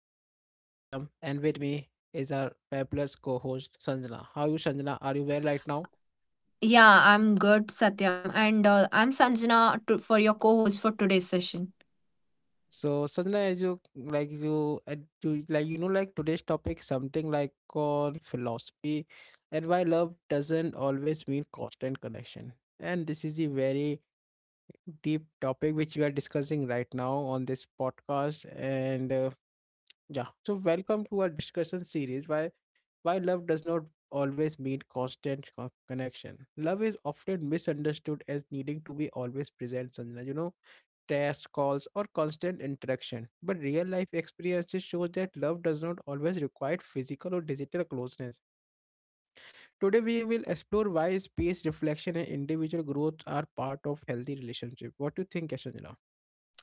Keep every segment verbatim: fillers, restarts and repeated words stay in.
I am your host Satyam and with me is our fabulous co-host Sanjana. How are you Sanjana? Are you well right now? Yeah, I'm good, Satyam, and uh, I'm Sanjana to, for your co host for today's session. So Sanjana as you like you, uh, you like you know like today's topic something like called philosophy and why love doesn't always mean constant connection. And this is a very deep topic which we are discussing right now on this podcast and uh, yeah. So welcome to our discussion series. Why love does not always mean constant co- connection. Love is often misunderstood as needing to be always present, Sanjana, you know, text calls, or constant interaction. But real life experiences show that love does not always require physical or digital closeness. Today we will explore why space reflection and individual growth are part of healthy relationship. What do you think, Yashanjana?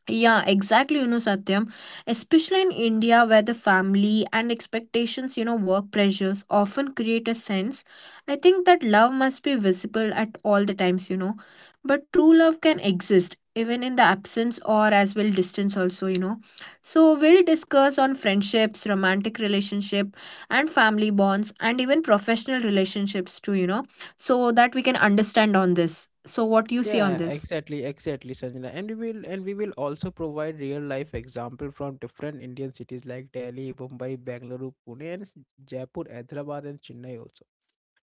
Yeah, exactly, you know, Satyam. Especially in India, where the family and expectations, you know, work pressures often create a sense. I think that love must be visible at all the times, you know. But true love can exist even in the absence or as well distance also, you know, so we'll discuss on friendships, romantic relationship, and family bonds, and even professional relationships too, you know, so that we can understand on this. So what do you see on Yeah, this? exactly, exactly, Sanjana. And we will and we will also provide real life example from different Indian cities like Delhi, Mumbai, Bangalore, Pune, and s- Jaipur, Hyderabad, and Chennai also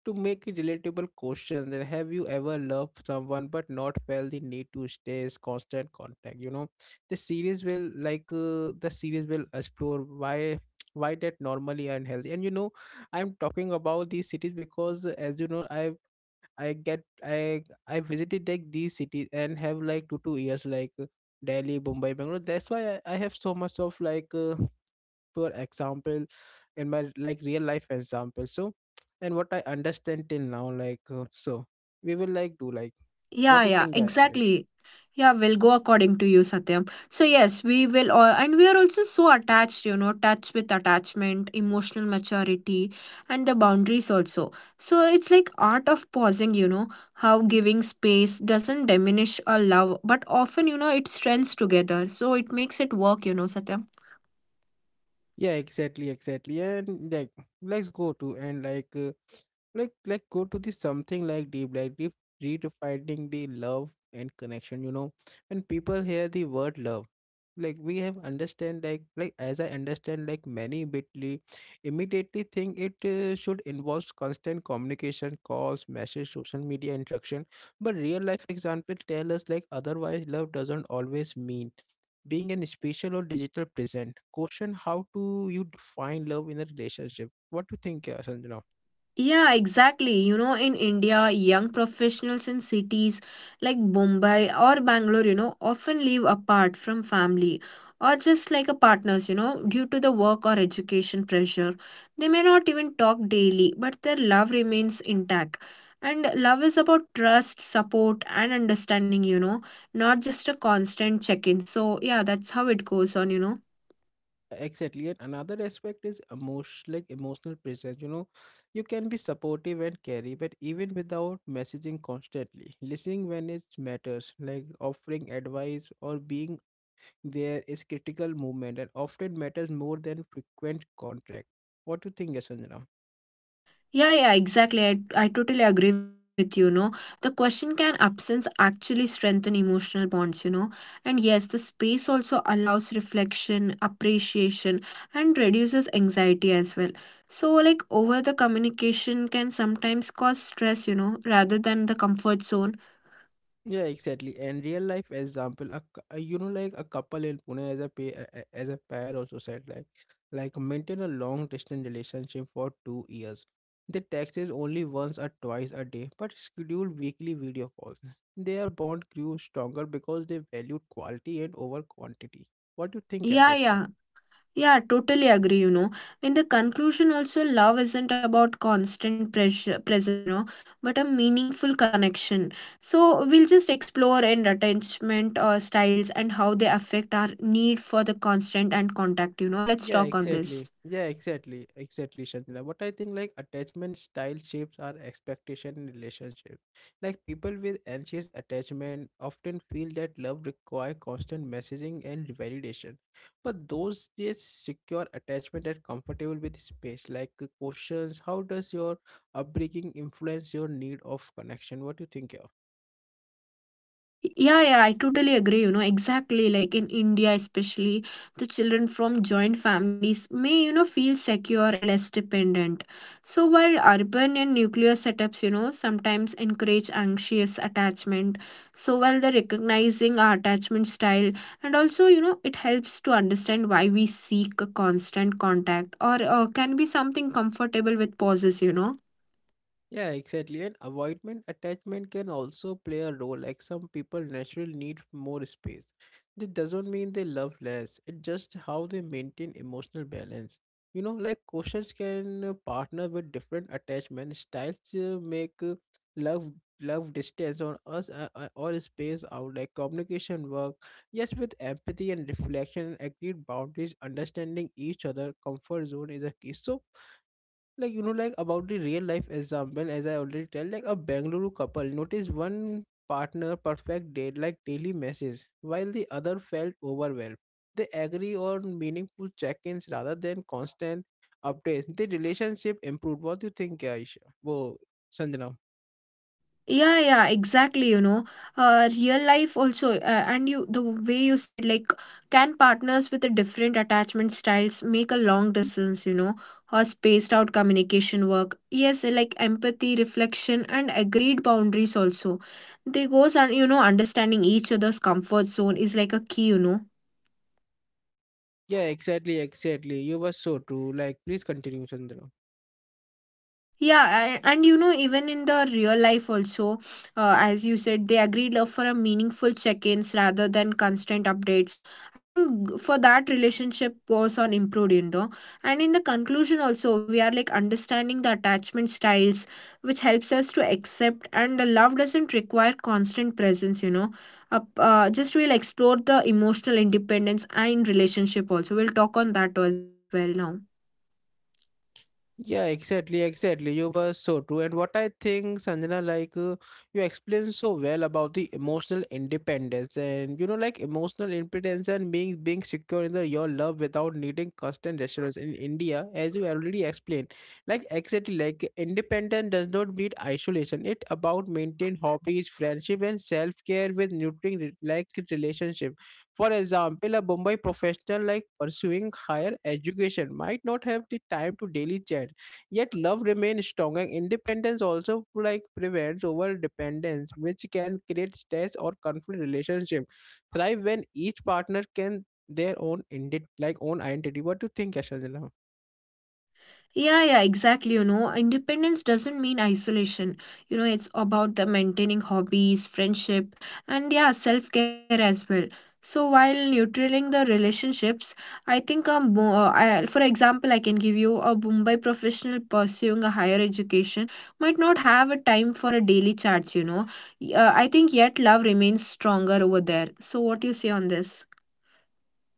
to make it relatable questions. And have you ever loved someone but not felt the need to stay is constant contact? You know, the series will like uh, the series will explore why why that normally unhealthy. And you know, I'm talking about these cities because, as you know, I I get I I visited like these cities and have like two two years like uh, Delhi, Mumbai, Bangalore. That's why I, I have so much of like uh, poor example in my like real life example. So and what I understand till now, like uh, so we will like do like what Yeah, do you yeah, think? I, I exactly. Yeah, will go according to you, Satyam. So yes, we will, all, and we are also so attached, you know, touch with attachment, emotional maturity, and the boundaries also. So it's like art of pausing, you know, how giving space doesn't diminish a love, but often, you know, it strengths together. So it makes it work, you know, Satyam. yeah exactly exactly and like let's go to and like uh, like like go to this something like deep like re- redefining the love and connection. You know, when people hear the word love, like we have understand like like as I understand like many immediately immediately think it uh, should involve constant communication, calls, message, social media interaction. But real life example tell us like otherwise, love doesn't always mean being an spatial or digital present. Question: how do you define love in a relationship? What do you think, uh, Sanjana? Yeah, exactly. You know, in India, young professionals in cities like Mumbai or Bangalore, you know, often live apart from family or just like a partners, you know, due to the work or education pressure. They may not even talk daily, but their love remains intact. And love is about trust, support, and understanding, you know, not just a constant check in. So, yeah, that's how it goes on, you know. Exactly. And another aspect is emotion, like emotional presence. You know, you can be supportive and carry, but even without messaging constantly, listening when it matters, like offering advice or being there is critical movement and often matters more than frequent contact. What do you think, Sanjana? Yeah, yeah, exactly. I, I totally agree with you, no. The question can absence actually strengthen emotional bonds, you know? And yes, the space also allows reflection, appreciation, and reduces anxiety as well. So, like, over the communication can sometimes cause stress, you know, rather than the comfort zone. Yeah, exactly. And real life example, a, cou- a- you know, like a couple in Pune, as a pair, as a pair also said like, like maintain a long distance relationship for two years. They text is only once or twice a day, but schedule weekly video calls. Their bond grew stronger because they valued quality and over quantity. What do you think, yeah, Yeah, this? uh, yeah. Yeah, totally agree, you know. In the conclusion, also, love isn't about constant pressure, presence, you know, but a meaningful connection. So, we'll just explore and attachment uh, styles and how they affect our need for the constant and contact, you know. Let's Yeah, talk on this. exactly. Yeah, exactly. Exactly, Shantina. But I think like attachment style shapes our expectation in relationship. Like people with anxious attachment often feel that love require constant messaging and validation. But those just secure attachment are comfortable with space. Like uh, questions, how does your upbringing influence your need of connection? What do you think? Yeah, yeah, I totally agree. You know, exactly like in India, especially the children from joint families may, you know, feel secure and less dependent. So, while urban and nuclear setups, you know, sometimes encourage anxious attachment, so while they're recognizing our attachment style, and also, you know, it helps to understand why we seek a constant contact or uh, can be something comfortable with pauses, you know. Yeah, exactly. And avoidment attachment can also play a role. Like some people naturally need more space. That doesn't mean they love less. It's just how they maintain emotional balance. You know, like questions, can uh, partner with different attachment styles to make uh, love love distance on us uh, uh, or space out like communication work? Yes, with empathy and reflection, agreed boundaries, understanding each other comfort zone is a key. So, like you know, like about the real life example, as I already tell, like a Bengaluru couple noticed one partner perfect date like daily messages while the other felt overwhelmed. They agree on meaningful check-ins rather than constant updates. The relationship improved. What do you think, aisha? Whoa, Sanjana. Yeah, yeah, exactly, you know, uh, real life also, uh, and you the way you said like can partners with the different attachment styles make a long distance, you know, or spaced out communication work? Yes, like empathy, reflection, and agreed boundaries also, they goes on, you know. Understanding each other's comfort zone is like a key, you know. Yeah exactly exactly you were so true, like please continue, Sanjana. Yeah, a- and you know, even in the real life, also, uh, as you said, they agreed love for a meaningful check ins rather than constant updates. I think for that, relationship was on improved, you know. And in the conclusion, also, we are like understanding the attachment styles, which helps us to accept, and the love doesn't require constant presence, you know. Up, uh, just we'll explore the emotional independence and relationship also. We'll talk on that as well now. Yeah, exactly, exactly. You were so true. And what I think, Sanjana, like uh, you explained so well about the emotional independence. And you know, like emotional independence and being being secure in the, your love without needing constant reassurance in India, as you already explained. Like exactly, like independence does not mean isolation. It about maintain hobbies, friendship, and self care with nurturing re- like relationship. For example, a Mumbai professional like pursuing higher education might not have the time to daily chat, yet love remains strong. And independence also like prevents over dependence, which can create stress or conflict relationship. Thrive when each partner can their own indi- like own identity. What do you think, Yashajana? Yeah, yeah, exactly. You know, independence doesn't mean isolation. You know, it's about the maintaining hobbies, friendship, and yeah, self care as well. So while neutral the relationships, I think um, bo- uh, I, for example, I can give you a Mumbai professional pursuing a higher education might not have a time for a daily charts. You know, Y- uh, I think yet love remains stronger over there. So what do you say on this?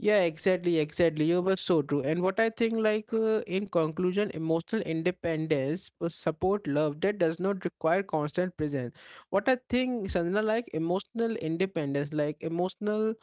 Yeah, exactly, exactly. You were so true. And what I think, like, uh, in conclusion, emotional independence, uh, support, love, that does not require constant presence. What I think, Sanjana, like, emotional independence, like, emotional,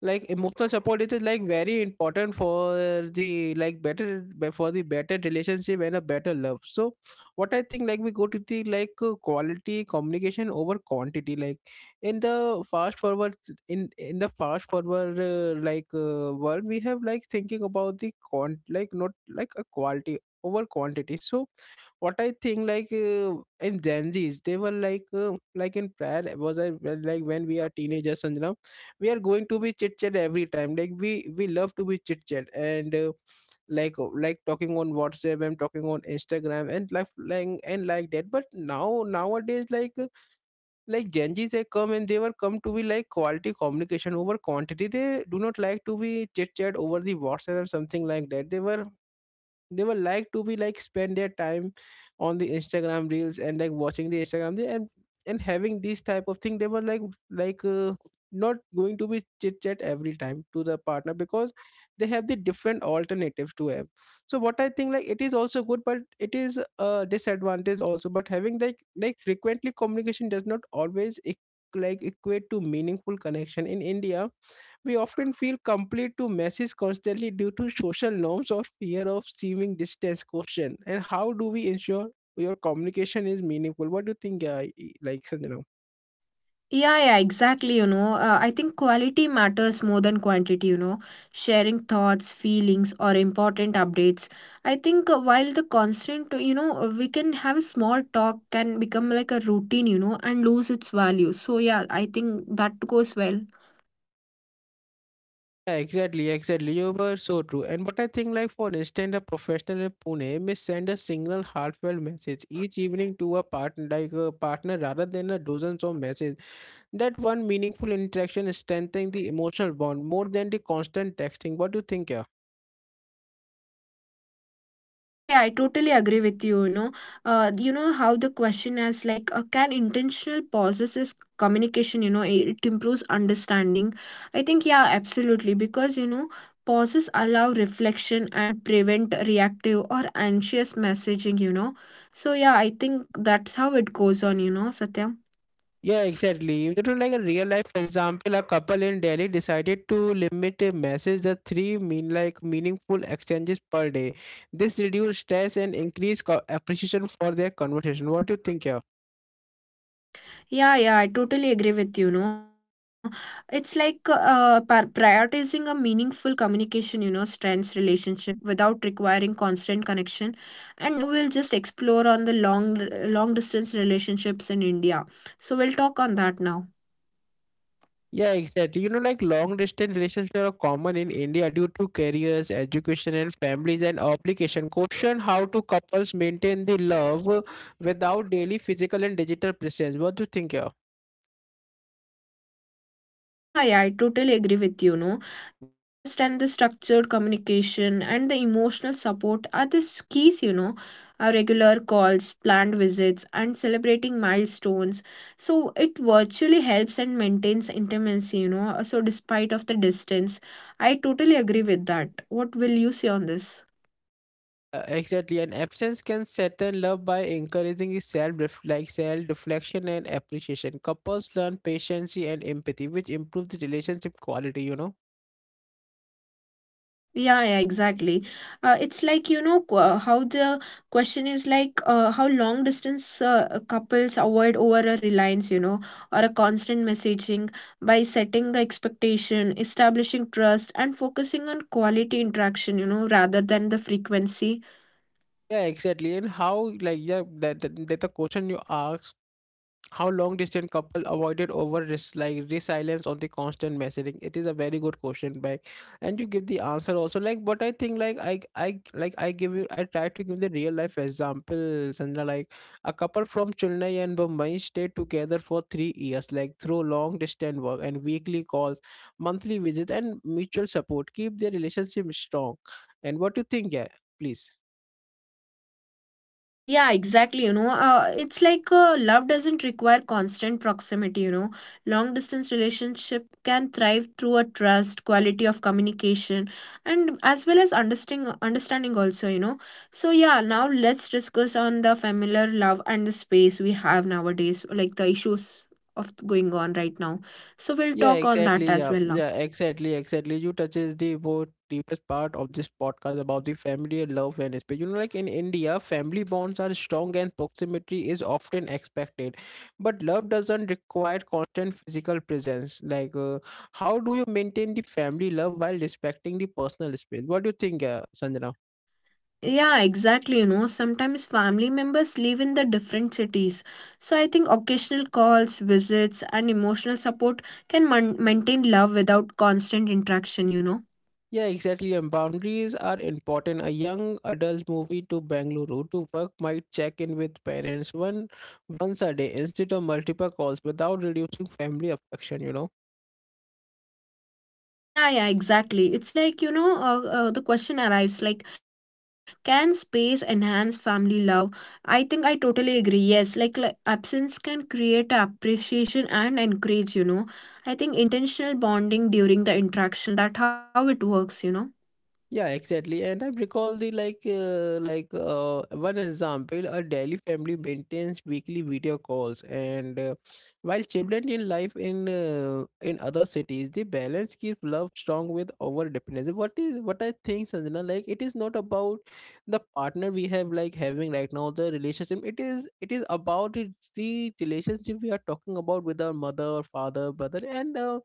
like, emotional support, it is like very important for the, like, better, be- for the better relationship and a better love. So, what I think, like, we go to the, like, uh, quality communication over quantity, like, in the fast forward in in the fast forward uh, like uh, world. We have like thinking about the con like not like a quality over quantity. So what I think, like uh, in Gen Z's, they were like uh, like in prior was I well, like when we are teenagers and we are going to be chit chat every time, like we we love to be chit chat. And uh, like uh, like talking on WhatsApp and talking on Instagram and like like and like that. But now nowadays, like like Gen Zs, they come and they were come to be like quality communication over quantity. They do not like to be chit chat over the WhatsApp or something like that. They were they would like to be like spend their time on the Instagram reels and like watching the Instagram. they- and and having this type of thing, they were like like uh, not going to be chit chat every time to the partner because they have the different alternatives to have. So what I think, like, it is also good but it is a disadvantage also. But having like like frequently communication does not always eq- like equate to meaningful connection. In India, we often feel complete to messes constantly due to social norms or fear of seeming distance. Question: and how do we ensure your communication is meaningful? What do you think, uh, e- like Sanjana? Yeah, yeah, exactly. You know, uh, I think quality matters more than quantity, you know. Sharing thoughts, feelings, or important updates. I think uh, while the constant, you know, we can have a small talk can become like a routine, you know, and lose its value. So, yeah, I think that goes well. Yeah, exactly, exactly. You were so true. And but I think, like for instance, a professional in Pune may send a single heartfelt message each evening to a partner, like a partner, rather than a dozens of messages. That one meaningful interaction strengthens the emotional bond more than the constant texting. What do you think? Yeah. Yeah, yeah, I totally agree with you. You know, uh, you know how the question is like, uh, can intentional pauses is communication? You know, it, it improves understanding. I think yeah, absolutely, because you know, pauses allow reflection and prevent reactive or anxious messaging. You know, so yeah, I think that's how it goes on. You know, Satyam. Yeah, exactly. You know, like a real life example, a couple in Delhi decided to limit a message the three mean like meaningful exchanges per day. This reduced stress and increased co- appreciation for their conversation. What do you think here? Yeah, yeah, I totally agree with you, know. It's like uh, par- prioritizing a meaningful communication, you know, strengths relationship without requiring constant connection. And now we'll just explore on the long long distance relationships in India. So we'll talk on that now. Yeah, exactly. You know, like long distance relationships are common in India due to careers, education, and families and obligation. Question: how do couples maintain the love without daily physical and digital presence? What do you think here? Yeah, yeah, I totally agree with you, no. The trust and the structured communication and the emotional support are the keys, you know. Our regular calls, planned visits, and celebrating milestones. So it virtually helps and maintains intimacy, you know. So despite of the distance, I totally agree with that. What will you say on this? Uh, exactly, and absence can strengthen love by encouraging self like self reflection and appreciation. Couples learn patience and empathy, which improves the relationship quality. You know. Yeah, yeah, exactly. Uh, it's like, you know, qu- uh, how the question is like uh, how long distance uh, uh, couples avoid over a reliance, you know, or a constant messaging by setting the expectation, establishing trust, and focusing on quality interaction, you know, rather than the frequency. Yeah, exactly. And how like yeah, that that, that the question you asked, how long distance couple avoided over res- like resilience on the constant messaging? It is a very good question, back, and you give the answer also. Like, but I think like I I like I give you I try to give the real life example, Sandra. Like a couple from Chennai and Mumbai stayed together for three years, like through long distance work and weekly calls, monthly visits, and mutual support. Keep their relationship strong. And what do you think, yeah? Please. Yeah, exactly. You know, uh, it's like uh, love doesn't require constant proximity. You know, long distance relationship can thrive through a trust, quality of communication, and as well as understanding. Understanding also, you know. So yeah, now let's discuss on the familiar love and the space we have nowadays, like the issues of going on right now. So we'll Yeah, talk on that exactly. as Yeah, well now. yeah, exactly, exactly. You touches the both deepest part of this podcast about the family, love, and space. You know, like in India, family bonds are strong and proximity is often expected, but love doesn't require constant physical presence. Like, uh, how do you maintain the family love while respecting the personal space? What do you think, uh, Sanjana? Yeah, exactly. You know, sometimes family members live in the different cities. So I think occasional calls, visits, and emotional support can man- maintain love without constant interaction, you know. Yeah, exactly. And boundaries are important. A young adult moving to Bangalore to work might check in with parents one once a day instead of multiple calls without reducing family affection, you know. Yeah, yeah, exactly. It's like, you know, uh, uh, the question arrives like, can space enhance family love? I think I totally agree. Yes, like, like absence can create appreciation and encourage, you know. I think intentional bonding during the interaction, that how it works, you know. Yeah, exactly. And I recall the like uh, like uh, one example, a daily family maintains weekly video calls, and uh, while children in life in uh, in other cities, the balance keeps love strong with over dependence. What is what I think, Sanjana? Like it is not about the partner we have like having right now the relationship. It is it is about the the relationship we are talking about with our mother, father, brother, and. Uh,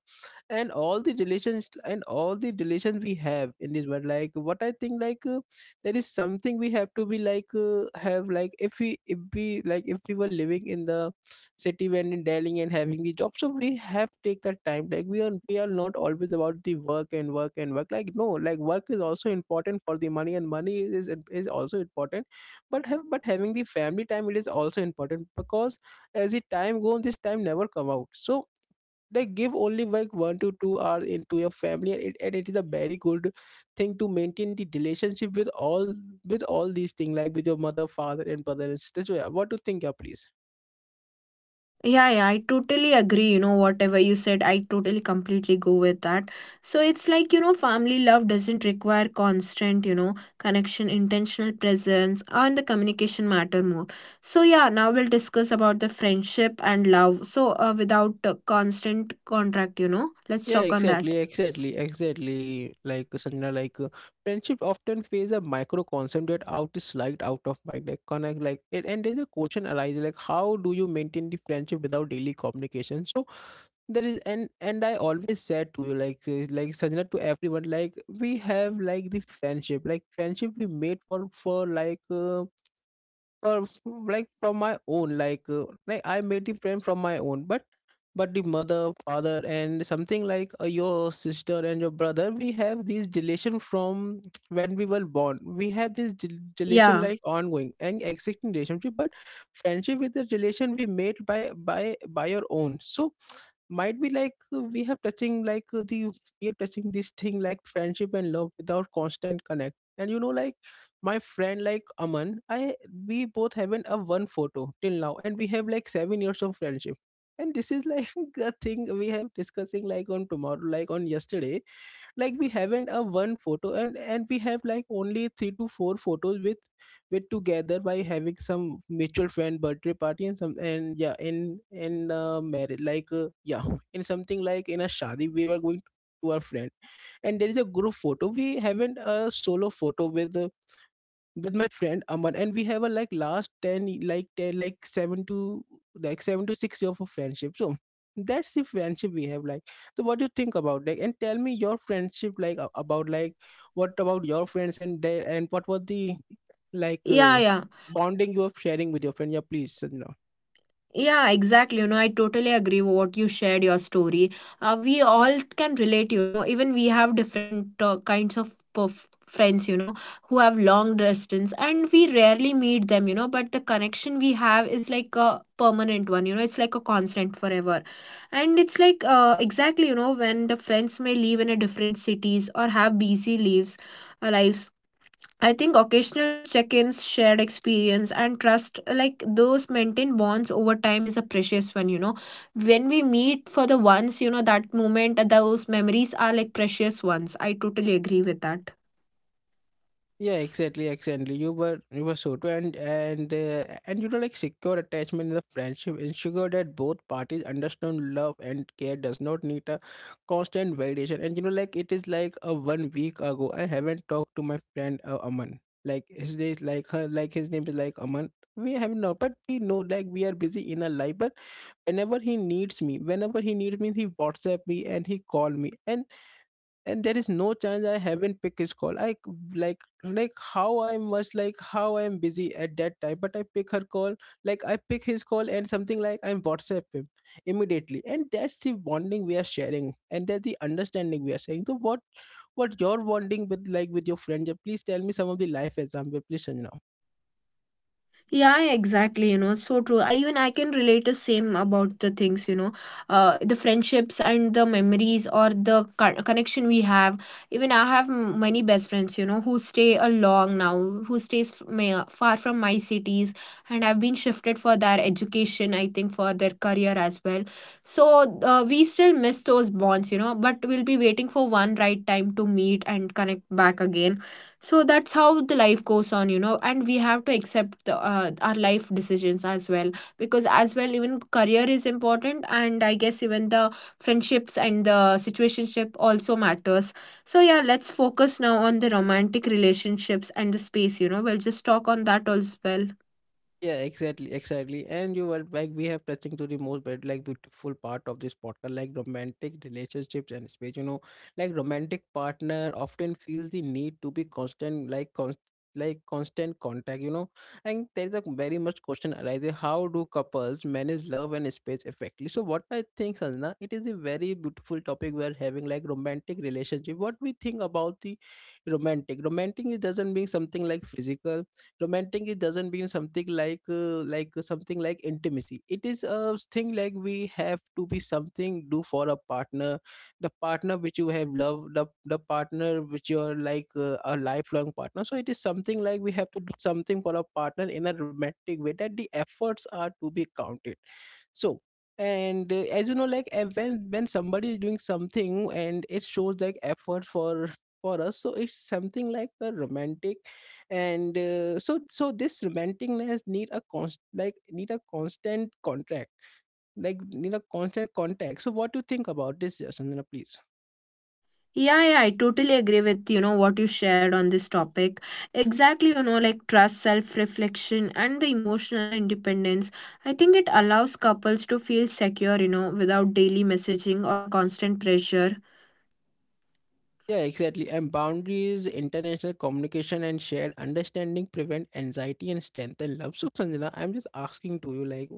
and all the relations and all the relations we have in this world. Like what I think, like uh, there is something we have to be like uh, have, like if we if we like if we were living in the city, when in Delhi, and having the job, so we have take the time, like we are we are not always about the work and work and work. Like no, like work is also important for the money, and money is is also important, but have but having the family time, it is also important, because as the time goes, this time never come out. So they give only like one to two hours into your family, and it, and it is a very good thing to maintain the relationship with all with all these things, like with your mother, father and brother and sister. So yeah, what do you think? Yeah, please. Yeah, yeah, I totally agree. You know, whatever you said, I totally completely go with that. So it's like, you know, family love doesn't require constant, you know, connection, intentional presence, and the communication matter more. So, yeah, now we'll discuss about the friendship and love. So, uh, without uh, constant contract, you know, let's Yeah, talk on that. exactly, exactly, exactly. Like Sanjana, like uh, friendship often face a micro concept that out is slight out of mind. Like connect, like and, and there's a question arises, like how do you maintain the friendship without daily communication? So there is, and and I always said to you like uh, like Sanjana, to everyone, like we have like the friendship, like friendship we made for for like uh, or s- like from my own, like uh, like I made the friend from my own, but but the mother, father and something, like uh, your sister and your brother, we have this relation from when we were born. We have this del- relation Yeah, like ongoing and existing relationship. But friendship is the relation we made by by by your own. So might be like uh, we have touching like uh, the we have touching this thing like friendship and love without constant connect. And you know, like my friend, like Aman, I, we both haven't a one photo till now, and we have like seven years of friendship. And this is like a thing we have discussing like on tomorrow, like on yesterday, like we haven't a one photo, and and we have like only three to four photos with with together by having some mutual friend birthday party and some. And yeah, in in uh, marriage, like uh, yeah, in something, like in a shadi we were going to our friend. And there is a group photo, we haven't a solo photo with uh, with my friend Aman, and we have a like last ten, y- like ten, like seven to like seven to six year of a friendship. So that's the friendship we have. Like, so what do you think about, like? And tell me your friendship, like a- about like what about your friends and their, and what was the like yeah, uh, yeah. bonding you are sharing with your friend? Yeah, please, Sanjana. Yeah, exactly. You know, I totally agree with what you shared your story. Uh, we all can relate, you know, even we have different uh, kinds of perf- friends, you know, who have long distance and we rarely meet them, you know, but the connection we have is like a permanent one, you know, it's like a constant forever. And it's like uh, exactly, you know, when the friends may live in a different cities or have busy lives, uh, lives I think occasional check ins, shared experience, and trust like those maintained bonds over time is a precious one, you know. When we meet for the once, you know, that moment, those memories are like precious ones. I totally agree with that. Yeah, exactly, exactly. You were you were so true, and and uh, and you know, like secure attachment in the friendship ensure that both parties understand love and care does not need a constant validation. And you know, like it is like a one week ago, I haven't talked to my friend, uh, Aman. Like his name is like her, like his name is like Aman. We haven't, but we know like we are busy in our life. But whenever he needs me, whenever he needs me, he WhatsApp me and he call me. and and there is no chance I haven't picked his call. I c- like like how I must, like how I'm busy at that time, but I pick her call, like I pick his call, and something like I'm WhatsApp him immediately. And that's the bonding we are sharing, and that's the understanding we are sharing. So what what your bonding with, like with your friend? Yeah, please tell me some of the life example, please, Sanjana. Yeah, yeah, exactly. You know, so true. I even I can relate the same about the things. You know, uh, the friendships and the memories or the co- connection we have. Even I have m- many best friends. You know, who stay along now, who stays f- ma- far from my cities, and have been shifted for their education. I think for their career as well. So uh, we still miss those bonds. You know, but we'll be waiting for one right time to meet and connect back again. So that's how the life goes on, you know, and we have to accept the, uh, our life decisions as well, because as well even career is important, and I guess even the friendships and the situationship also matters. So yeah, let's focus now on the romantic relationships and the space, you know, we'll just talk on that as well. Yeah, exactly, exactly. And you were like, we have touching to the most but like beautiful part of this podcast, like romantic relationships and space. You know, like romantic partner often feels the need to be constant, like constant like constant contact, you know. And there is a very much question arises, how do couples manage love and space effectively? So what I think, Sanjana, it is a very beautiful topic we're having, like romantic relationship. What we think about the romantic romantic, it doesn't mean something like physical. Romantic, it doesn't mean something like uh, like something like intimacy. It is a thing like we have to be something, do for a partner, the partner which you have loved, the, the partner which you're like uh, a lifelong partner. So it is something like we have to do something for a partner in a romantic way, that the efforts are to be counted. So, and uh, as you know, like uh, when when somebody is doing something and it shows like effort for for us, so it's something like a romantic. And uh, so so this romanticness need a const like need a constant contract, like need a constant contact. So what do you think about this, Jasmina, please? Yeah, yeah, I totally agree with you know what you shared on this topic. Exactly, you know, like trust, self reflection, and the emotional independence. I think it allows couples to feel secure, you know, without daily messaging or a constant pressure. Yeah, exactly. And boundaries, international communication, and shared understanding prevent anxiety and strengthen love. So, Sanjana, I'm just asking to you, like,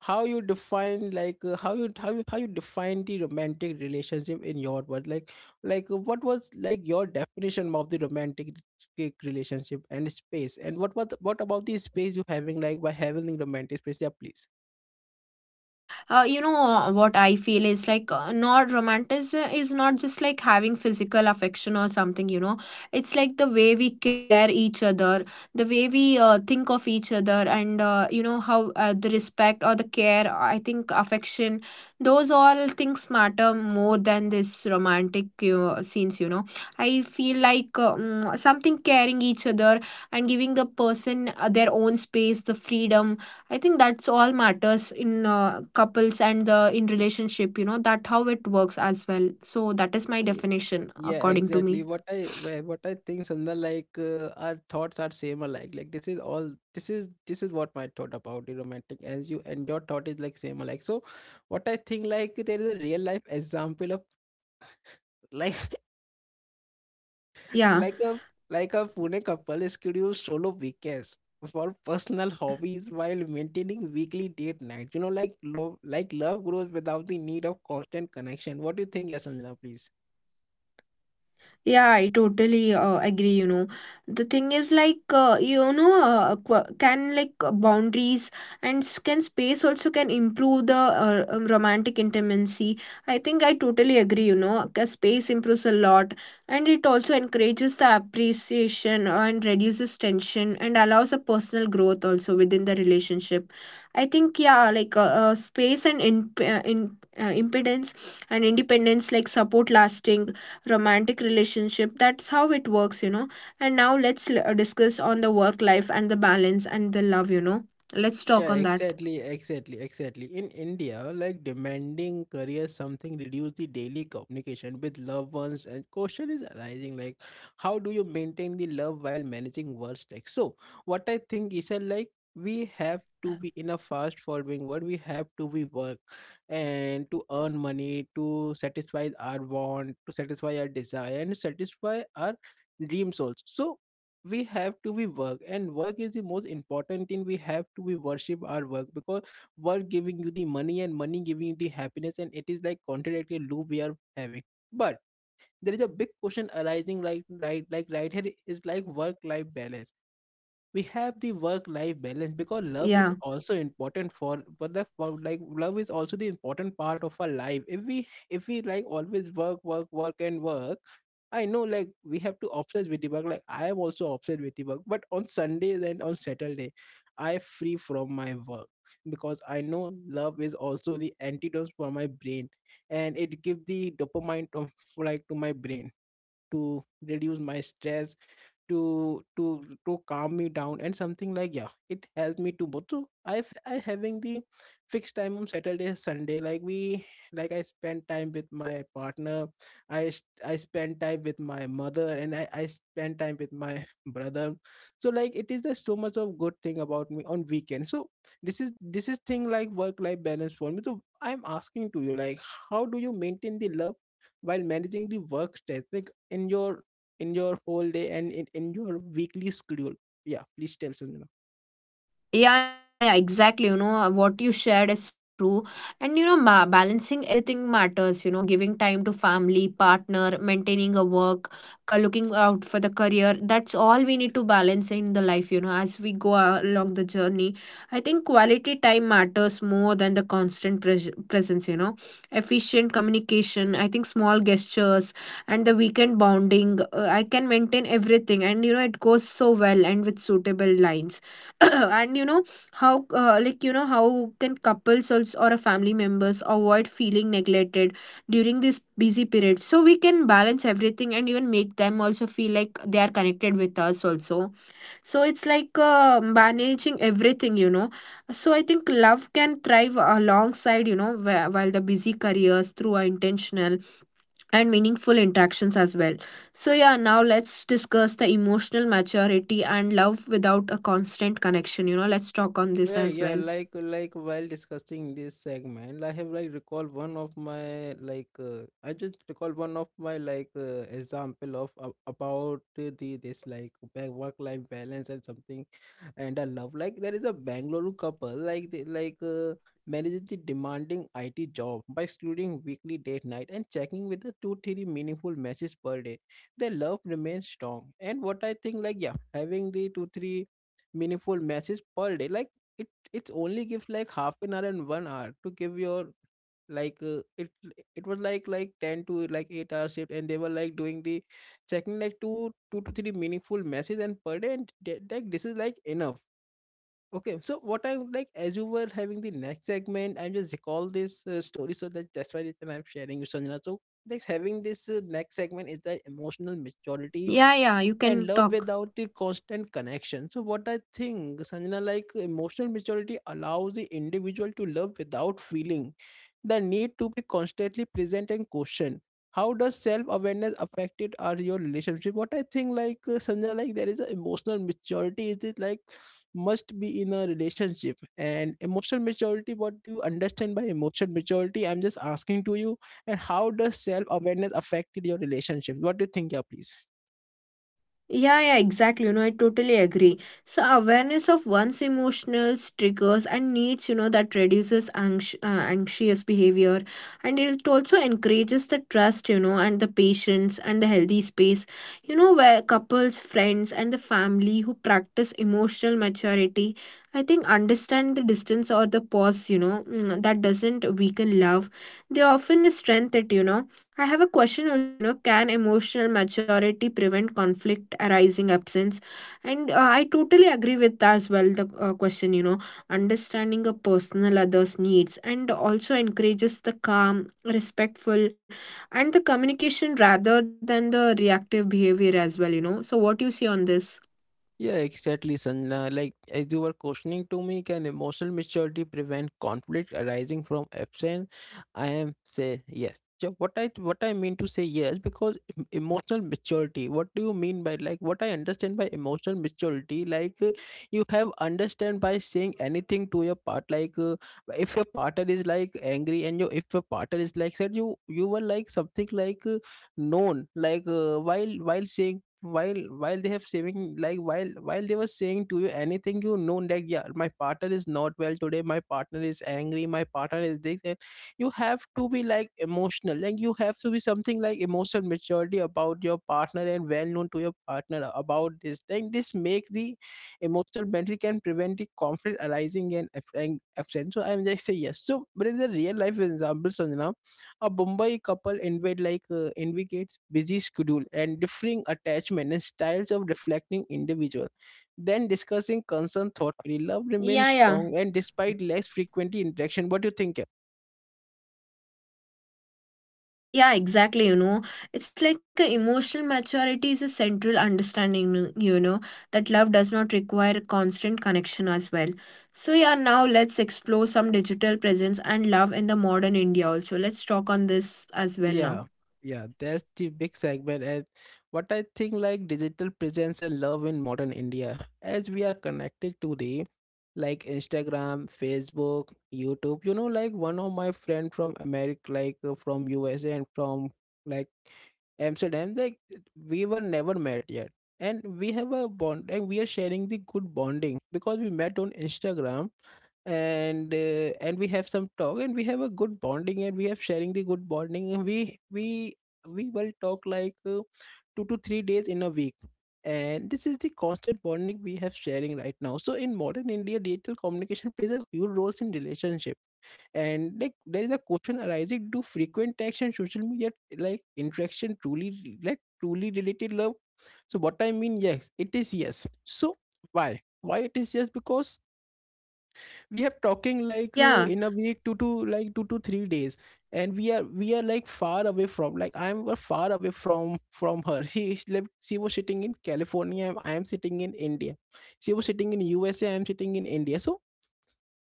how you define, like, uh, how you how you how you define the romantic relationship in your world, like, like uh, what was like your definition of the romantic re- relationship and space, and what what what about the space you having, like, by having romantic space? Yeah, please. uh, you know, uh, what I feel is like uh, not romanticism is not just like having physical affection or something, you know. It's like the way we care each other, the way we uh, think of each other, and uh, you know how uh, the respect or the care, I think affection, those all things matter more than this romantic uh, scenes, you know. I feel like um, something caring each other and giving the person uh, their own space, the freedom. I think that's all matters in uh, couples and uh, in relationship, you know, that how it works as well. So that is my definition Yeah, according to exactly. me. What I wha- what I think, Sandal, like uh, our thoughts are same alike. Like this is all, this is this is what my thought about the romantic, as you and your thought is like same alike. So what I think like there is a real life example of, like Yeah. like a, like a Pune couple schedule solo weekends for personal hobbies while maintaining weekly date night. You know, like love like love grows without the need of constant connection. What do you think, Sanjana, please? Yeah, I totally uh, agree, you know. The thing is like uh, you know uh, qu- can like uh, boundaries and s- can space also can improve the uh, um, romantic intimacy. I think I totally agree, you know. 'Cause space improves a lot, and it also encourages the appreciation and reduces tension and allows a personal growth also within the relationship. I think, yeah, like uh, uh, space and in, uh, in uh, impedance and independence like support lasting romantic relationship. That's how it works, you know. And now let's l- uh, discuss on the work life and the balance and the love, you know. Let's talk Yeah, on that. exactly, exactly, exactly. In India, like demanding career something reduce the daily communication with loved ones, and question is arising, like how do you maintain the love while managing work stack? So what I think is that, like we have to be in a fast following world, we have to be work, and to earn money, to satisfy our want, to satisfy our desire, and satisfy our dreams also. So we have to be work, and work is the most important thing. We have to be worship our work, because work giving you the money, and money giving you the happiness. And it is like contradictory loop we are having. But there is a big question arising right right like right here, is like work life balance. We have the work life balance, because love Yeah. is also important for for the for like love is also the important part of our life, if we if we like always work, work, work, and work. I know like we have to obsess with the work, like I am also obsessed with the work, but on Sundays and on Saturday, I free from my work, because I know love is also the antidote for my brain, and it give the dopamine to, like to my brain, to reduce my stress, to to to calm me down, and something like yeah, it helped me too much. So i've i having the fixed time on Saturday, Sunday, like we like I spend time with my partner, i s- i spend time with my mother, and i i spend time with my brother. So like it is, there's so much of good thing about me on weekend. So this is this is thing like work life balance for me. So I'm asking to you, like how do you maintain the love while managing the work stress, like in your in your whole day, and in, in your weekly schedule? Yeah, please tell, Sanjana. Yeah, yeah, exactly. You know, uh, what you shared is so true. And, you know, ma- balancing everything matters, you know, giving time to family, partner, maintaining a work, ca- looking out for the career. That's all we need to balance in the life, you know, as we go a- along the journey. I think quality time matters more than the constant pres- presence, you know, efficient communication. I think small gestures and the weekend bonding. Uh, I can maintain everything. And, you know, it goes so well and with suitable lines. And you know how uh, like you know how can couples also or a family members avoid feeling neglected during this busy period, so we can balance everything and even make them also feel like they are connected with us also. So it's like uh, managing everything, you know. So I think love can thrive alongside, you know wh- while the busy careers, through our intentional and meaningful interactions as well. So, yeah, now let's discuss the emotional maturity and love without a constant connection. You know, let's talk on this Yeah, as yeah, well. like like while discussing this segment, I have like recall one of my like uh, I just recall one of my like uh, example of uh, about the this like back work life balance and something and a love. Like there is a Bangalore couple, like they like uh, manages the demanding I T job by scheduling weekly date night and checking with the two three meaningful matches per day. Their love remains strong, and what I think like yeah, having the two three meaningful matches per day like it it only gives like half an hour and one hour to give your like uh, it it was like like ten to like eight hour shift, and they were like doing the checking like two two to three meaningful messages and per day and th- like this is like enough. Okay, so what I would like, as you were having the next segment, I'm just recall this uh, story, so that that's why reason I'm sharing with Sanjana. So, like having this uh, next segment is the emotional maturity Yeah, yeah, you and can love talk. without the constant connection. So, what I think, Sanjana, like emotional maturity allows the individual to love without feeling the need to be constantly present and questioned. How does self awareness affect it or your relationship? What I think, like uh, Sanjana, like there is a emotional maturity, is it is like must be in a relationship and emotional maturity? What do you understand by emotional maturity? I'm just asking to you, and how does self-awareness affected your relationship, what do you think, yeah please. Yeah, yeah, exactly. You know, I totally agree. So awareness of one's emotions, triggers, and needs, you know, that reduces anx- uh, anxious behavior, and it also encourages the trust, you know, and the patience and the healthy space, you know, where couples, friends, and the family who practice emotional maturity, I think, understand the distance or the pause, you know, mm, that doesn't weaken love. They often strengthen it, you know. I have a question also, you know, can emotional maturity prevent conflict arising absence? And uh, I totally agree with that as well. The uh, question, you know, understanding a personal other's needs and also encourages the calm, respectful, and the communication rather than the reactive behavior as well, you know. So, what do you see on this? Yeah, exactly, Sanjana. Like, as you were questioning to me, can emotional maturity prevent conflict arising from absence? I am say yes. So what I what I mean to say yes, because em- emotional maturity. What do you mean by like what I understand by emotional maturity? Like uh, you have understand by saying anything to your part. Like uh, if your partner is like angry and you if your partner is like said you you were like something like uh, known, like uh, while while saying, while while they have saving like while while they were saying to you anything, you know that yeah my partner is not well today, my partner is angry, my partner is this, and you have to be like emotional, like you have to be something like emotional maturity about your partner and well known to your partner about this thing, this makes the emotional boundary can prevent the conflict arising and absence. So I'm just say yes. So but in the real life examples, a Bombay couple envied like uh, indicates busy schedule and differing attachment and styles of reflecting individual. Then discussing concern thoughtfully, love remains Yeah, yeah. strong and despite less frequent interaction. What do you think? Yeah, exactly. You know, it's like a emotional maturity is a central understanding, you know, that love does not require constant connection as well. So, yeah, now let's explore some digital presence and love in the modern India also. Let's talk on this as well now. Yeah, yeah, that's the big segment. And what I think like digital presence and love in modern India, as we are connected to the like Instagram, Facebook, YouTube. You know, like one of my friend from America, like uh, from U S A and from like Amsterdam, like we were never met yet. And we have a bond and we are sharing the good bonding because we met on Instagram, and uh, and we have some talk and we have a good bonding and we have sharing the good bonding and we we we will talk like uh, two to three days in a week. And this is the constant bonding we have sharing right now. So in modern India digital communication plays a huge role in relationship. And like there is a question arising, do frequent text and social media like interaction truly like truly related love? So what I mean yes it is yes. So why why it is yes, because we have talking like uh, Yeah, in a week two to like two to three days. And we are we are like far away from like I'm uh, far away from from her, she is like she was sitting in California and I am sitting in India, she was sitting in USA I am sitting in India. So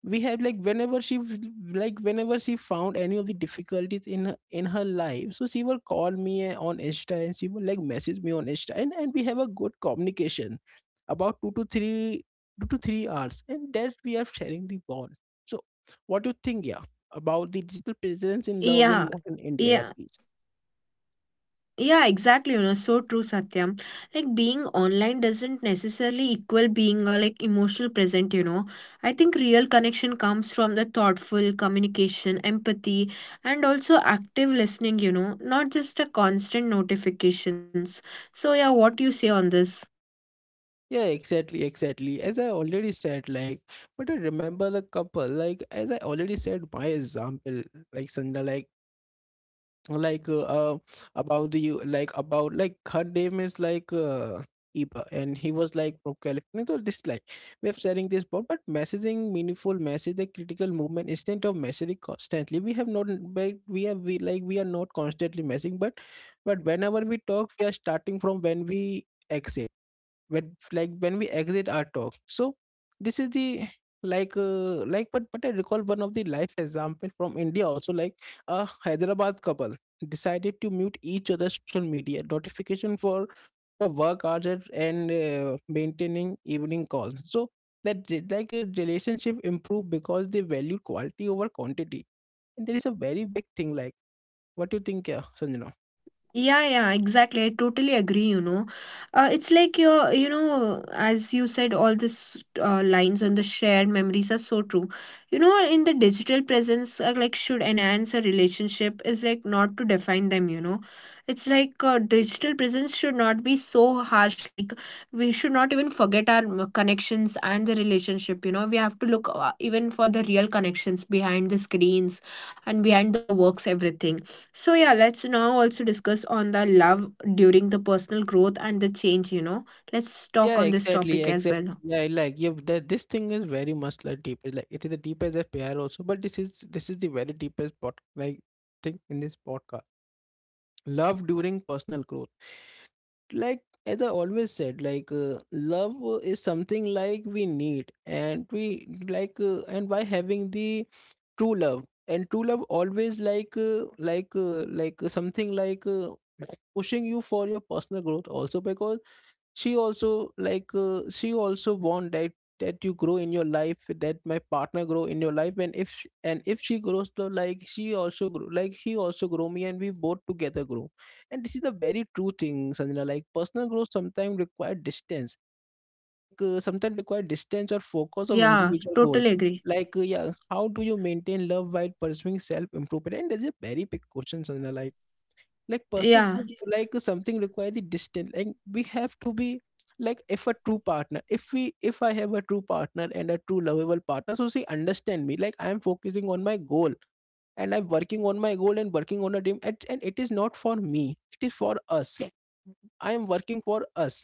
we have like whenever she f- like whenever she found any of the difficulties in her, in her life, so she will call me uh, on Insta, and she will like message me on Insta, and, and we have a good communication about two to three two to three hours, and that we are sharing the bond. So what do you think yeah about the digital presence in love in yeah, modern India, yeah yeah. please. Yeah, exactly. You know, so true, Satyam. Like being online doesn't necessarily equal being uh, like emotional present. You know, I think real connection comes from the thoughtful communication, empathy, and also active listening. You know, not just a constant notifications. So yeah, what do you say on this? Yeah, exactly exactly as I already said, like but I remember the couple, like as I already said my example, like Sandra like like uh, uh about the like about like her name is like uh Eva, and he was like from California. So this like way of sharing this board but messaging meaningful message the critical movement, instead of messaging constantly we have not. But we have we like we are not constantly messaging, but but whenever we talk, we are starting from when we exit, when like when we exit our talk. So this is the like uh, like but but I recall one of the life example from India also, like a Hyderabad couple decided to mute each other's social media notification for for work hours, and and, uh, maintaining evening calls, so that re- like a relationship improved because they value quality over quantity. And there is a very big thing like what do you think, yeah Sanjana? Yeah, yeah, exactly. I totally agree, you know. Uh, it's like your, you know, as you said, all these uh, lines on the shared memories are so true. You know, in the digital presence, uh, like, should enhance a relationship is like not to define them, you know. It's like uh, digital presence should not be so harsh. Like, we should not even forget our mm, connections and the relationship, you know. We have to look uh, even for the real connections behind the screens and behind the works, everything. So yeah, let's now also discuss on the love during the personal growth and the change, you know. Let's talk Yeah, on this exactly, topic as exactly. well. Yeah, like yeah, that this thing is very much like deep. It's like it is the deepest P R also, but this is this is the very deepest pod like thing in this podcast. Love during personal growth. Like as I always said, like uh, love uh, is something like we need, and we like uh, and by having the true love and true love always like uh, like uh, like uh, something like uh, pushing you for your personal growth also, because she also like uh, she also want that that you grow in your life, that my partner grow in your life. And if sh- and if she grows so like she also grow, like he also grow me, and we both together grow. And this is the very true thing, Sanjana, like personal growth sometimes require distance, like, uh, sometimes require distance or focus of Yeah, individual totally goals. agree. like uh, yeah, how do you maintain love while pursuing self improvement? And that's a very big question, Sanjana, like like personal Yeah. growth is like something require the distance and we have to be like. If a true partner, if we if I have a true partner and a true lovable partner, so she understand me like I am focusing on my goal, and I'm working on my goal and working on a dream. And, and it is not for me, it is for us, I am working for us,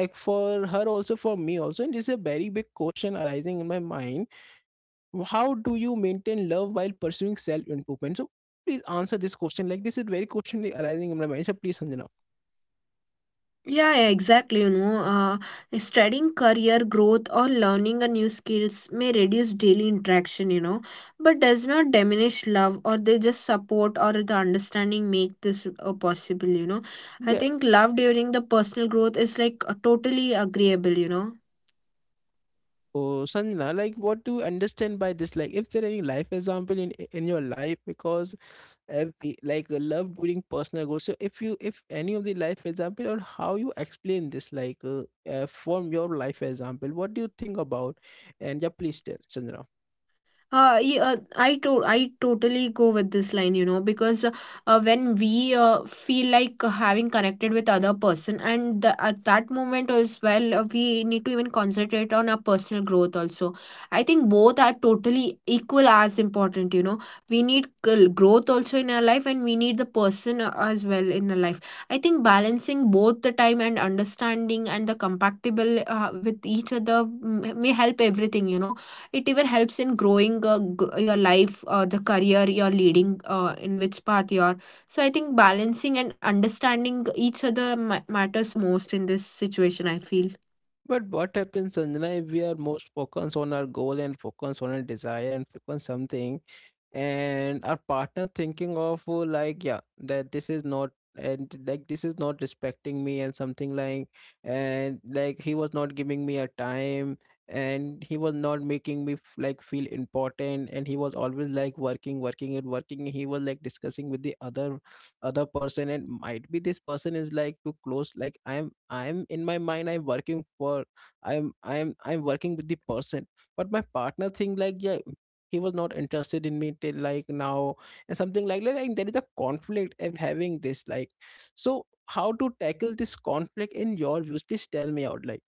like for her also for me also. And it's a very big question arising in my mind, how do you maintain love while pursuing self improvement. So please answer this question, like this is very question arising in my mind, so please Sanjana. Yeah, yeah, exactly. You know, uh, studying career growth or learning a new skills may reduce daily interaction, you know, but does not diminish love, or they just support or the understanding make this uh, possible, you know. I Yeah. think love during the personal growth is like uh, totally agreeable, you know. Oh, Sanjana, like what do you understand by this? Like, if there any life example in in your life? Because if we- like uh, love during personal goals. So if you if any of the life example, or how you explain this, like uh, uh, from your life example, what do you think about? And yeah, please tell Chandra. Uh, yeah, uh, I to I totally go with this line, you know, because uh, uh, when we uh, feel like uh, having connected with other person, and the, at that moment as well, uh, we need to even concentrate on our personal growth also. I think both are totally equal as important, you know. We need gl- growth also in our life, and we need the person uh, as well in our life. I think balancing both the time and understanding and the compatible uh, with each other mm, may help everything, you know. It even helps in growing uh, g- your life, uh, the career you're leading uh, in which path you're. So I think balancing and understanding each other ma- matters the most in this situation, I feel. But what happens, Sanjana, if we are most focused on our goal and focus on our desire and focus something, and our partner thinking of uh, like yeah that this is not, and like this is not respecting me and something like, and like he was not giving me a time and he was not making me f- like feel important, and he was always like working working and working. He was like discussing with the other other person, and might be this person is like too close, like i'm i'm in my mind, I'm working for i'm i'm i'm working with the person. But my partner think like yeah, he was not interested in me till like now, and something like that, like there is a conflict of having this like. So how to tackle this conflict in your views, please tell me out like.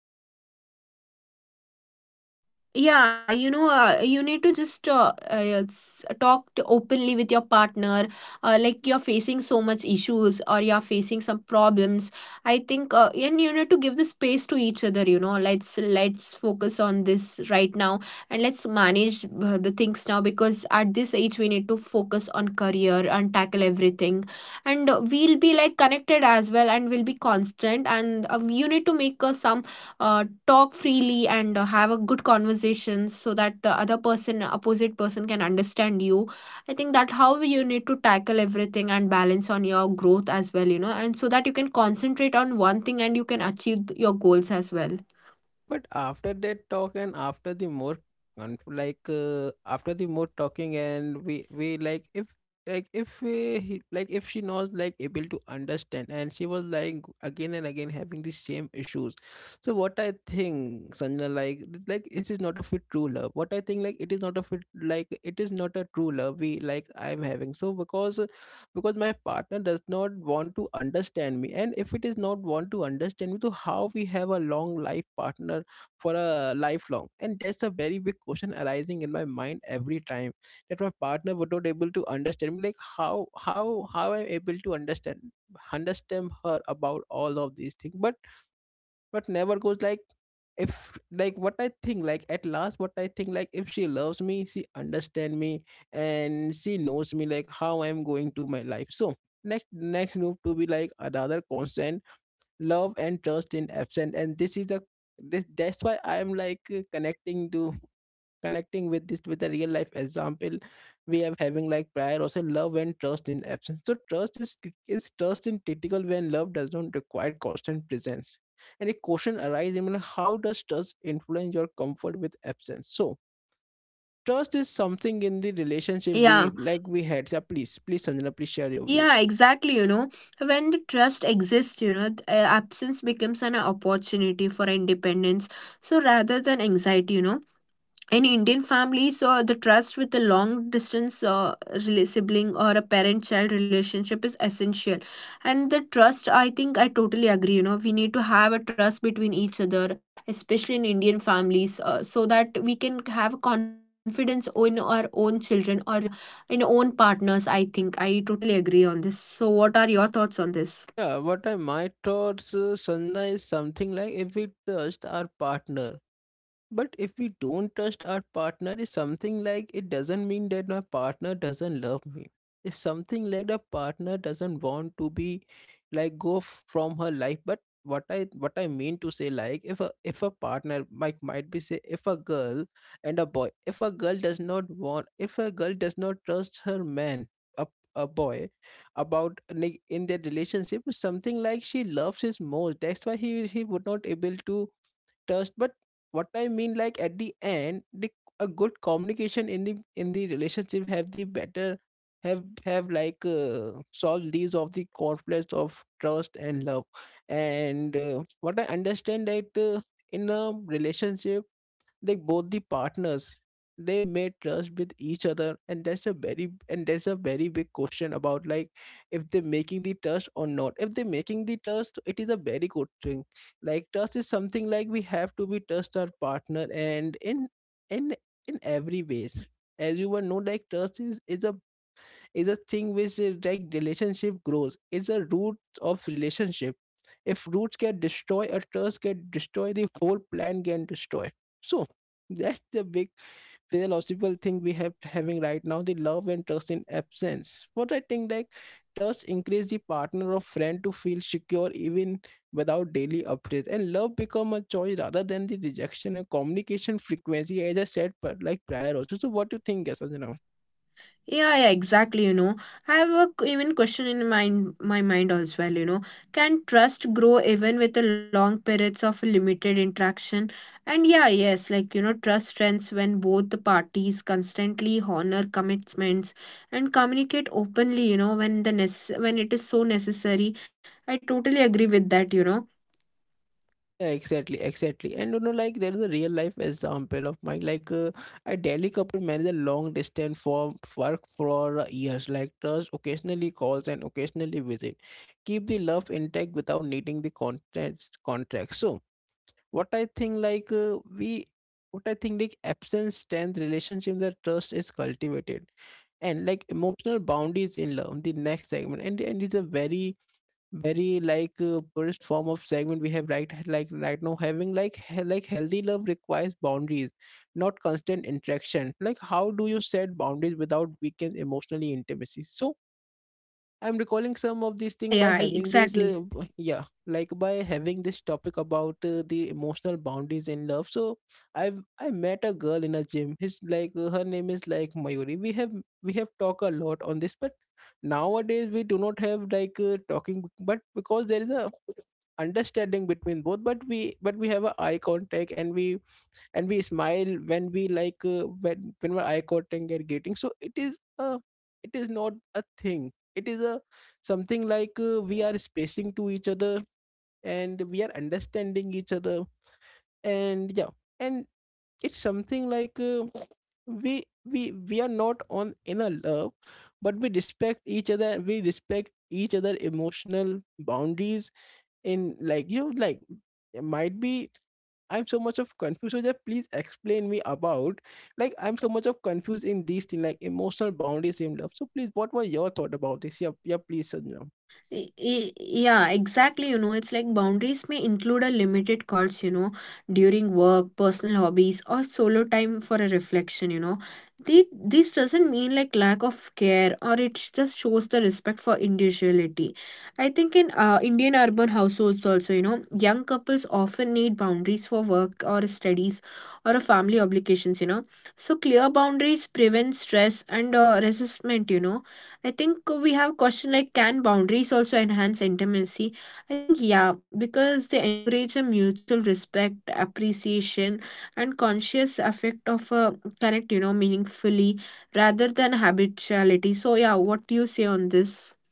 Yeah, you know, uh, you need to just uh, uh, s- talk to openly with your partner. Uh, like you're facing so much issues or you're facing some problems. I think, uh, and you need to give the space to each other. You know, let's let's focus on this right now and let's manage uh, the things now, because at this age we need to focus on career and tackle everything, and uh, we'll be like connected as well and we'll be constant. And uh, you need to make uh, some uh, talk freely and uh, have a good conversation so that the other person opposite person can understand you. I think that how you need to tackle everything and balance on your growth as well, you know, and so that you can concentrate on one thing and you can achieve th- your goals as well. But after that talk and after the more conf- like uh, after the more talking, and we we like if like if we, he- like if she knows like able to understand, and she was like again and again having the same issues. So what I think Sanjana like like this is not of a fit true love, what I think like it is not a, it like it is not a true love we like I'm having so, because because my partner does not want to understand me. And if it is not want to understand me, so how we have a long life partner for a lifelong. And that's a very big question arising in my mind every time, that my partner was not able to understand me, like how how how I'm able to understand understand her about all of these things. but but never goes like, if like what I think like at last what I think like if she loves me, she understand me, and she knows me like how I'm going to my life. So next next move to be like another consent, love and trust in absent. And this is a this, that's why I am like uh, connecting to connecting with this with a real life example. We are having like prior also love and trust in absence. So trust is is trust in critical when love does not require constant presence. And a question arises, I mean, how does trust influence your comfort with absence? So trust is something in the relationship Yeah, we like we had. So please please sanjana please share your yeah, views. exactly. You know, when the trust exists, you know, th- uh, absence becomes an opportunity for independence, so rather than anxiety, you know. In Indian families, uh, the trust with a long distance uh, rela- sibling or a parent child relationship is essential. And the trust, I think I totally agree. You know, we need to have a trust between each other, especially in Indian families, uh, so that we can have confidence in our own children or uh, in our own partners. I think I totally agree on this. So, what are your thoughts on this? Yeah, what I my thoughts, uh, Sandhya is something like if we trust our partner, but if we don't trust our partner, it's something like it doesn't mean that my partner doesn't love me. It's something like the partner doesn't want to be like go f- from her life. But what I what I mean to say, like if a if a partner might might be, say if a girl and a boy, if a girl does not want, if a girl does not trust her man, a a boy, about like, in their relationship, something like she loves his most. That's why he he would not able to trust. But what I mean like at the end the, a good communication in the in the relationship have the better have have like uh, solved these of the conflicts of trust and love. And uh, what I understand that uh, in a relationship like both the partners, they made trust with each other. And that's a very and that's a very big question about like if they're making the trust or not. If they're making the trust, it is a very good thing. Like trust is something like we have to be trust our partner and in in in every ways. As you will know, like trust is is a is a thing which uh, like relationship grows. It's a root of relationship. If roots get destroyed, a trust get destroyed, the whole plan get destroy. So that's the big philosophical thing we have having right now, the love and trust in absence. What I think like trust increase the partner or friend to feel secure even without daily updates, and love become a choice rather than the rejection and communication frequency as I said but like prior also. So what do you think? Yes. Yeah, yeah, exactly. You know, I have a q- even question in mind, my mind as well. You know, can trust grow even with the long periods of limited interaction? And yeah, yes, like you know, trust strengths when both the parties constantly honor commitments and communicate openly. You know, when the necess- when it is so necessary. I totally agree with that. You know, Yeah, exactly, exactly. And you know, like there is a real life example of mine. Like uh, a Delhi couple managed a long distance for work for uh, years. Like trust occasionally calls and occasionally visit. Keep the love intact without needing the contract contract. So what I think like uh, we what I think like absence stands relationship that trust is cultivated. And like emotional boundaries in love, the next segment. And and it's a very very like uh, purest form of segment we have right like right now having. Like he- like healthy love requires boundaries, not constant interaction. Like how do you set boundaries without weaken emotionally intimacy? So I'm recalling some of Y- these things yeah, by yeah, having this, uh, exactly. b- yeah, like by having this topic about uh, the emotional boundaries in love. So I have I met a girl in a gym. His like uh, her name is like Mayuri. We have we have talked a lot on this, but nowadays we do not have like uh, talking, but because there is a understanding between both, but we but we have a eye contact, and we and we smile when we like uh, when when we're eye contact and greeting. So it is a it is not a thing, it is a something like uh, we are spacing to each other, and we are understanding each other. And yeah, and it's something like uh, we we we are not on in a love, but we respect each other, we respect each other emotional boundaries. In like you know like it might be I'm so much of confused. So just please explain me about like I'm so much of confused in these things, like emotional boundaries in love. So please, what was your thought about this? Yeah, yeah, please, Sanjay. Y- y- Yeah, exactly. You know, it's like boundaries may include a limited calls, you know, during work, personal hobbies, or solo time for a reflection, you know. The, this doesn't mean like lack of care or it just shows the respect for individuality. I think in uh, Indian urban households also, you know, young couples often need boundaries for work or studies or a family obligations, you know. So clear boundaries prevent stress and uh, resentment, you know. I think we have question like can boundaries also enhance intimacy? I think yeah, because they encourage a mutual respect, appreciation, and conscious affect of a connect, you know, meaningfully rather than habituality. So yeah, what do you say on this?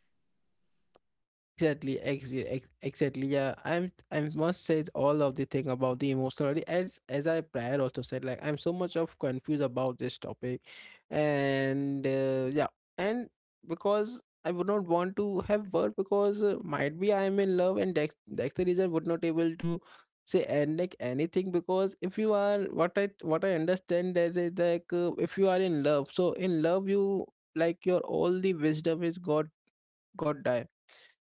Exactly, exactly, ex- exactly. Yeah, I'm. I must say all of the thing about the emotionality. As as I prior also said, like I'm so much of confused about this topic, and uh, yeah, and because I would not want to have word because uh, might be I am in love, and that's that's the reason would not able to say and like anything. Because if you are, what I what I understand that is like uh, if you are in love, so in love you like your all the wisdom is God God.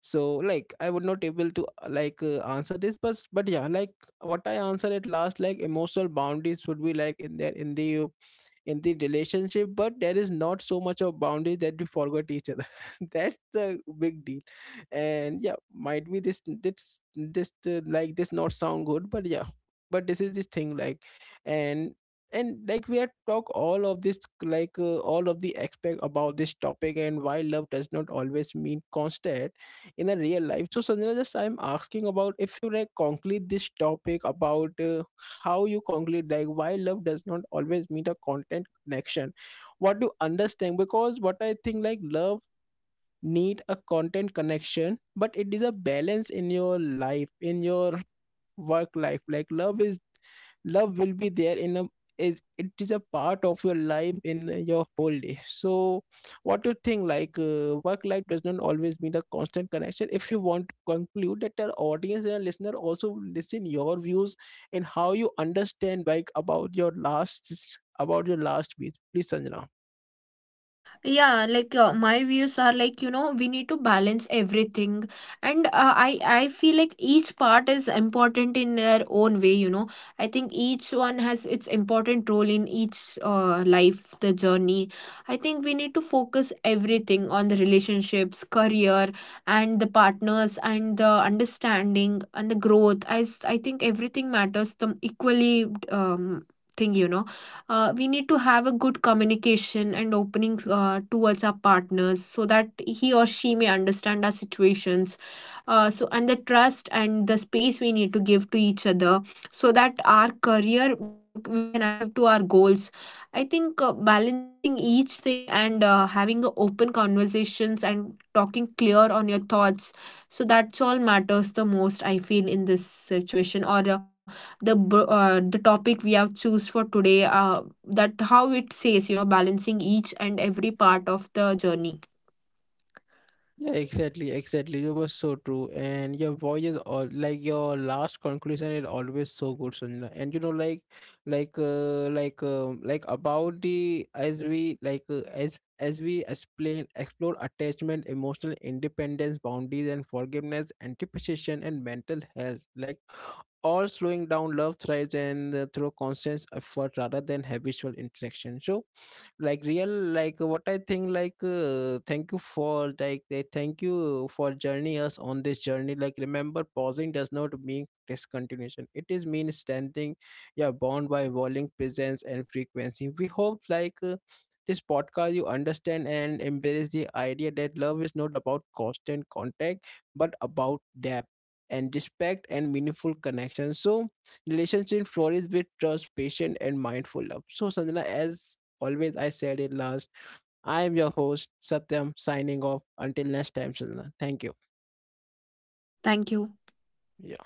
So like I would not able to uh, like uh, answer this. but but yeah, like what I answer at last, like emotional boundaries should be like in there in the in the relationship, but there is not so much of boundaries that we forgot each other that's the big deal. And yeah, might be this this this uh, like this not sound good, but yeah, but this is this thing like. and and like we had talked all of this, like uh, all of the aspect about this topic and why love does not always mean constant in a real life. So sanjana, just I'm asking about if you like conclude this topic about uh, how you conclude like why love does not always mean a content connection. What do you understand? Because what I think like love need a content connection, but it is a balance in your life, in your work life. Like love is love will be there in a is it is a part of your life in your whole day. So what do you think like uh, work life does not always mean a constant connection. If you want to conclude that, our audience and our listener also listen your views. And how you understand like about your last, about your last week, please sanjana. Yeah, like uh, my views are like, you know, we need to balance everything, and uh, i i feel like each part is important in their own way, you know. I think each one has its important role in each uh, life, the journey. I think we need to focus everything on the relationships, career, and the partners and the understanding and the growth. As I think everything matters the equally um, thing, you know. Uh, we need to have a good communication and openings uh, towards our partners so that he or she may understand our situations, uh, so, and the trust and the space we need to give to each other, so that our career mm, we can achieve to our goals. I think uh, balancing each thing and uh, having a open conversations and talking clear on your thoughts, so that's all matters the most I feel in this situation, or uh, the bro- uh, the topic we have choose for today, uh, that how it says, you know, balancing each and every part of the journey. Yeah, exactly, exactly. You were so true, and your voice is all like your last conclusion is always so good, Sunila. And you know, like, like, uh, like, um, like about the, as we like uh, as as we explain explore attachment, emotional independence, boundaries, and forgiveness, anticipation, and mental health. Like all slowing down, love thrives and uh, through conscious effort rather than habitual interaction. So, like real, like what I think like uh, thank you for like they thank you for journey us on this journey. Like remember pausing does not mean discontinuation, it is mean standing. Yeah, bound by volume presence and frequency. We hope like uh, this podcast you understand and embrace the idea that love is not about constant contact, but about depth and respect and meaningful connection. So relationship flourish with trust, patience, and mindful love. So sanjana, as always I said it last. I am your host, Satyam, signing off. Until next time, Sanjana. Thank you. Thank you. Yeah.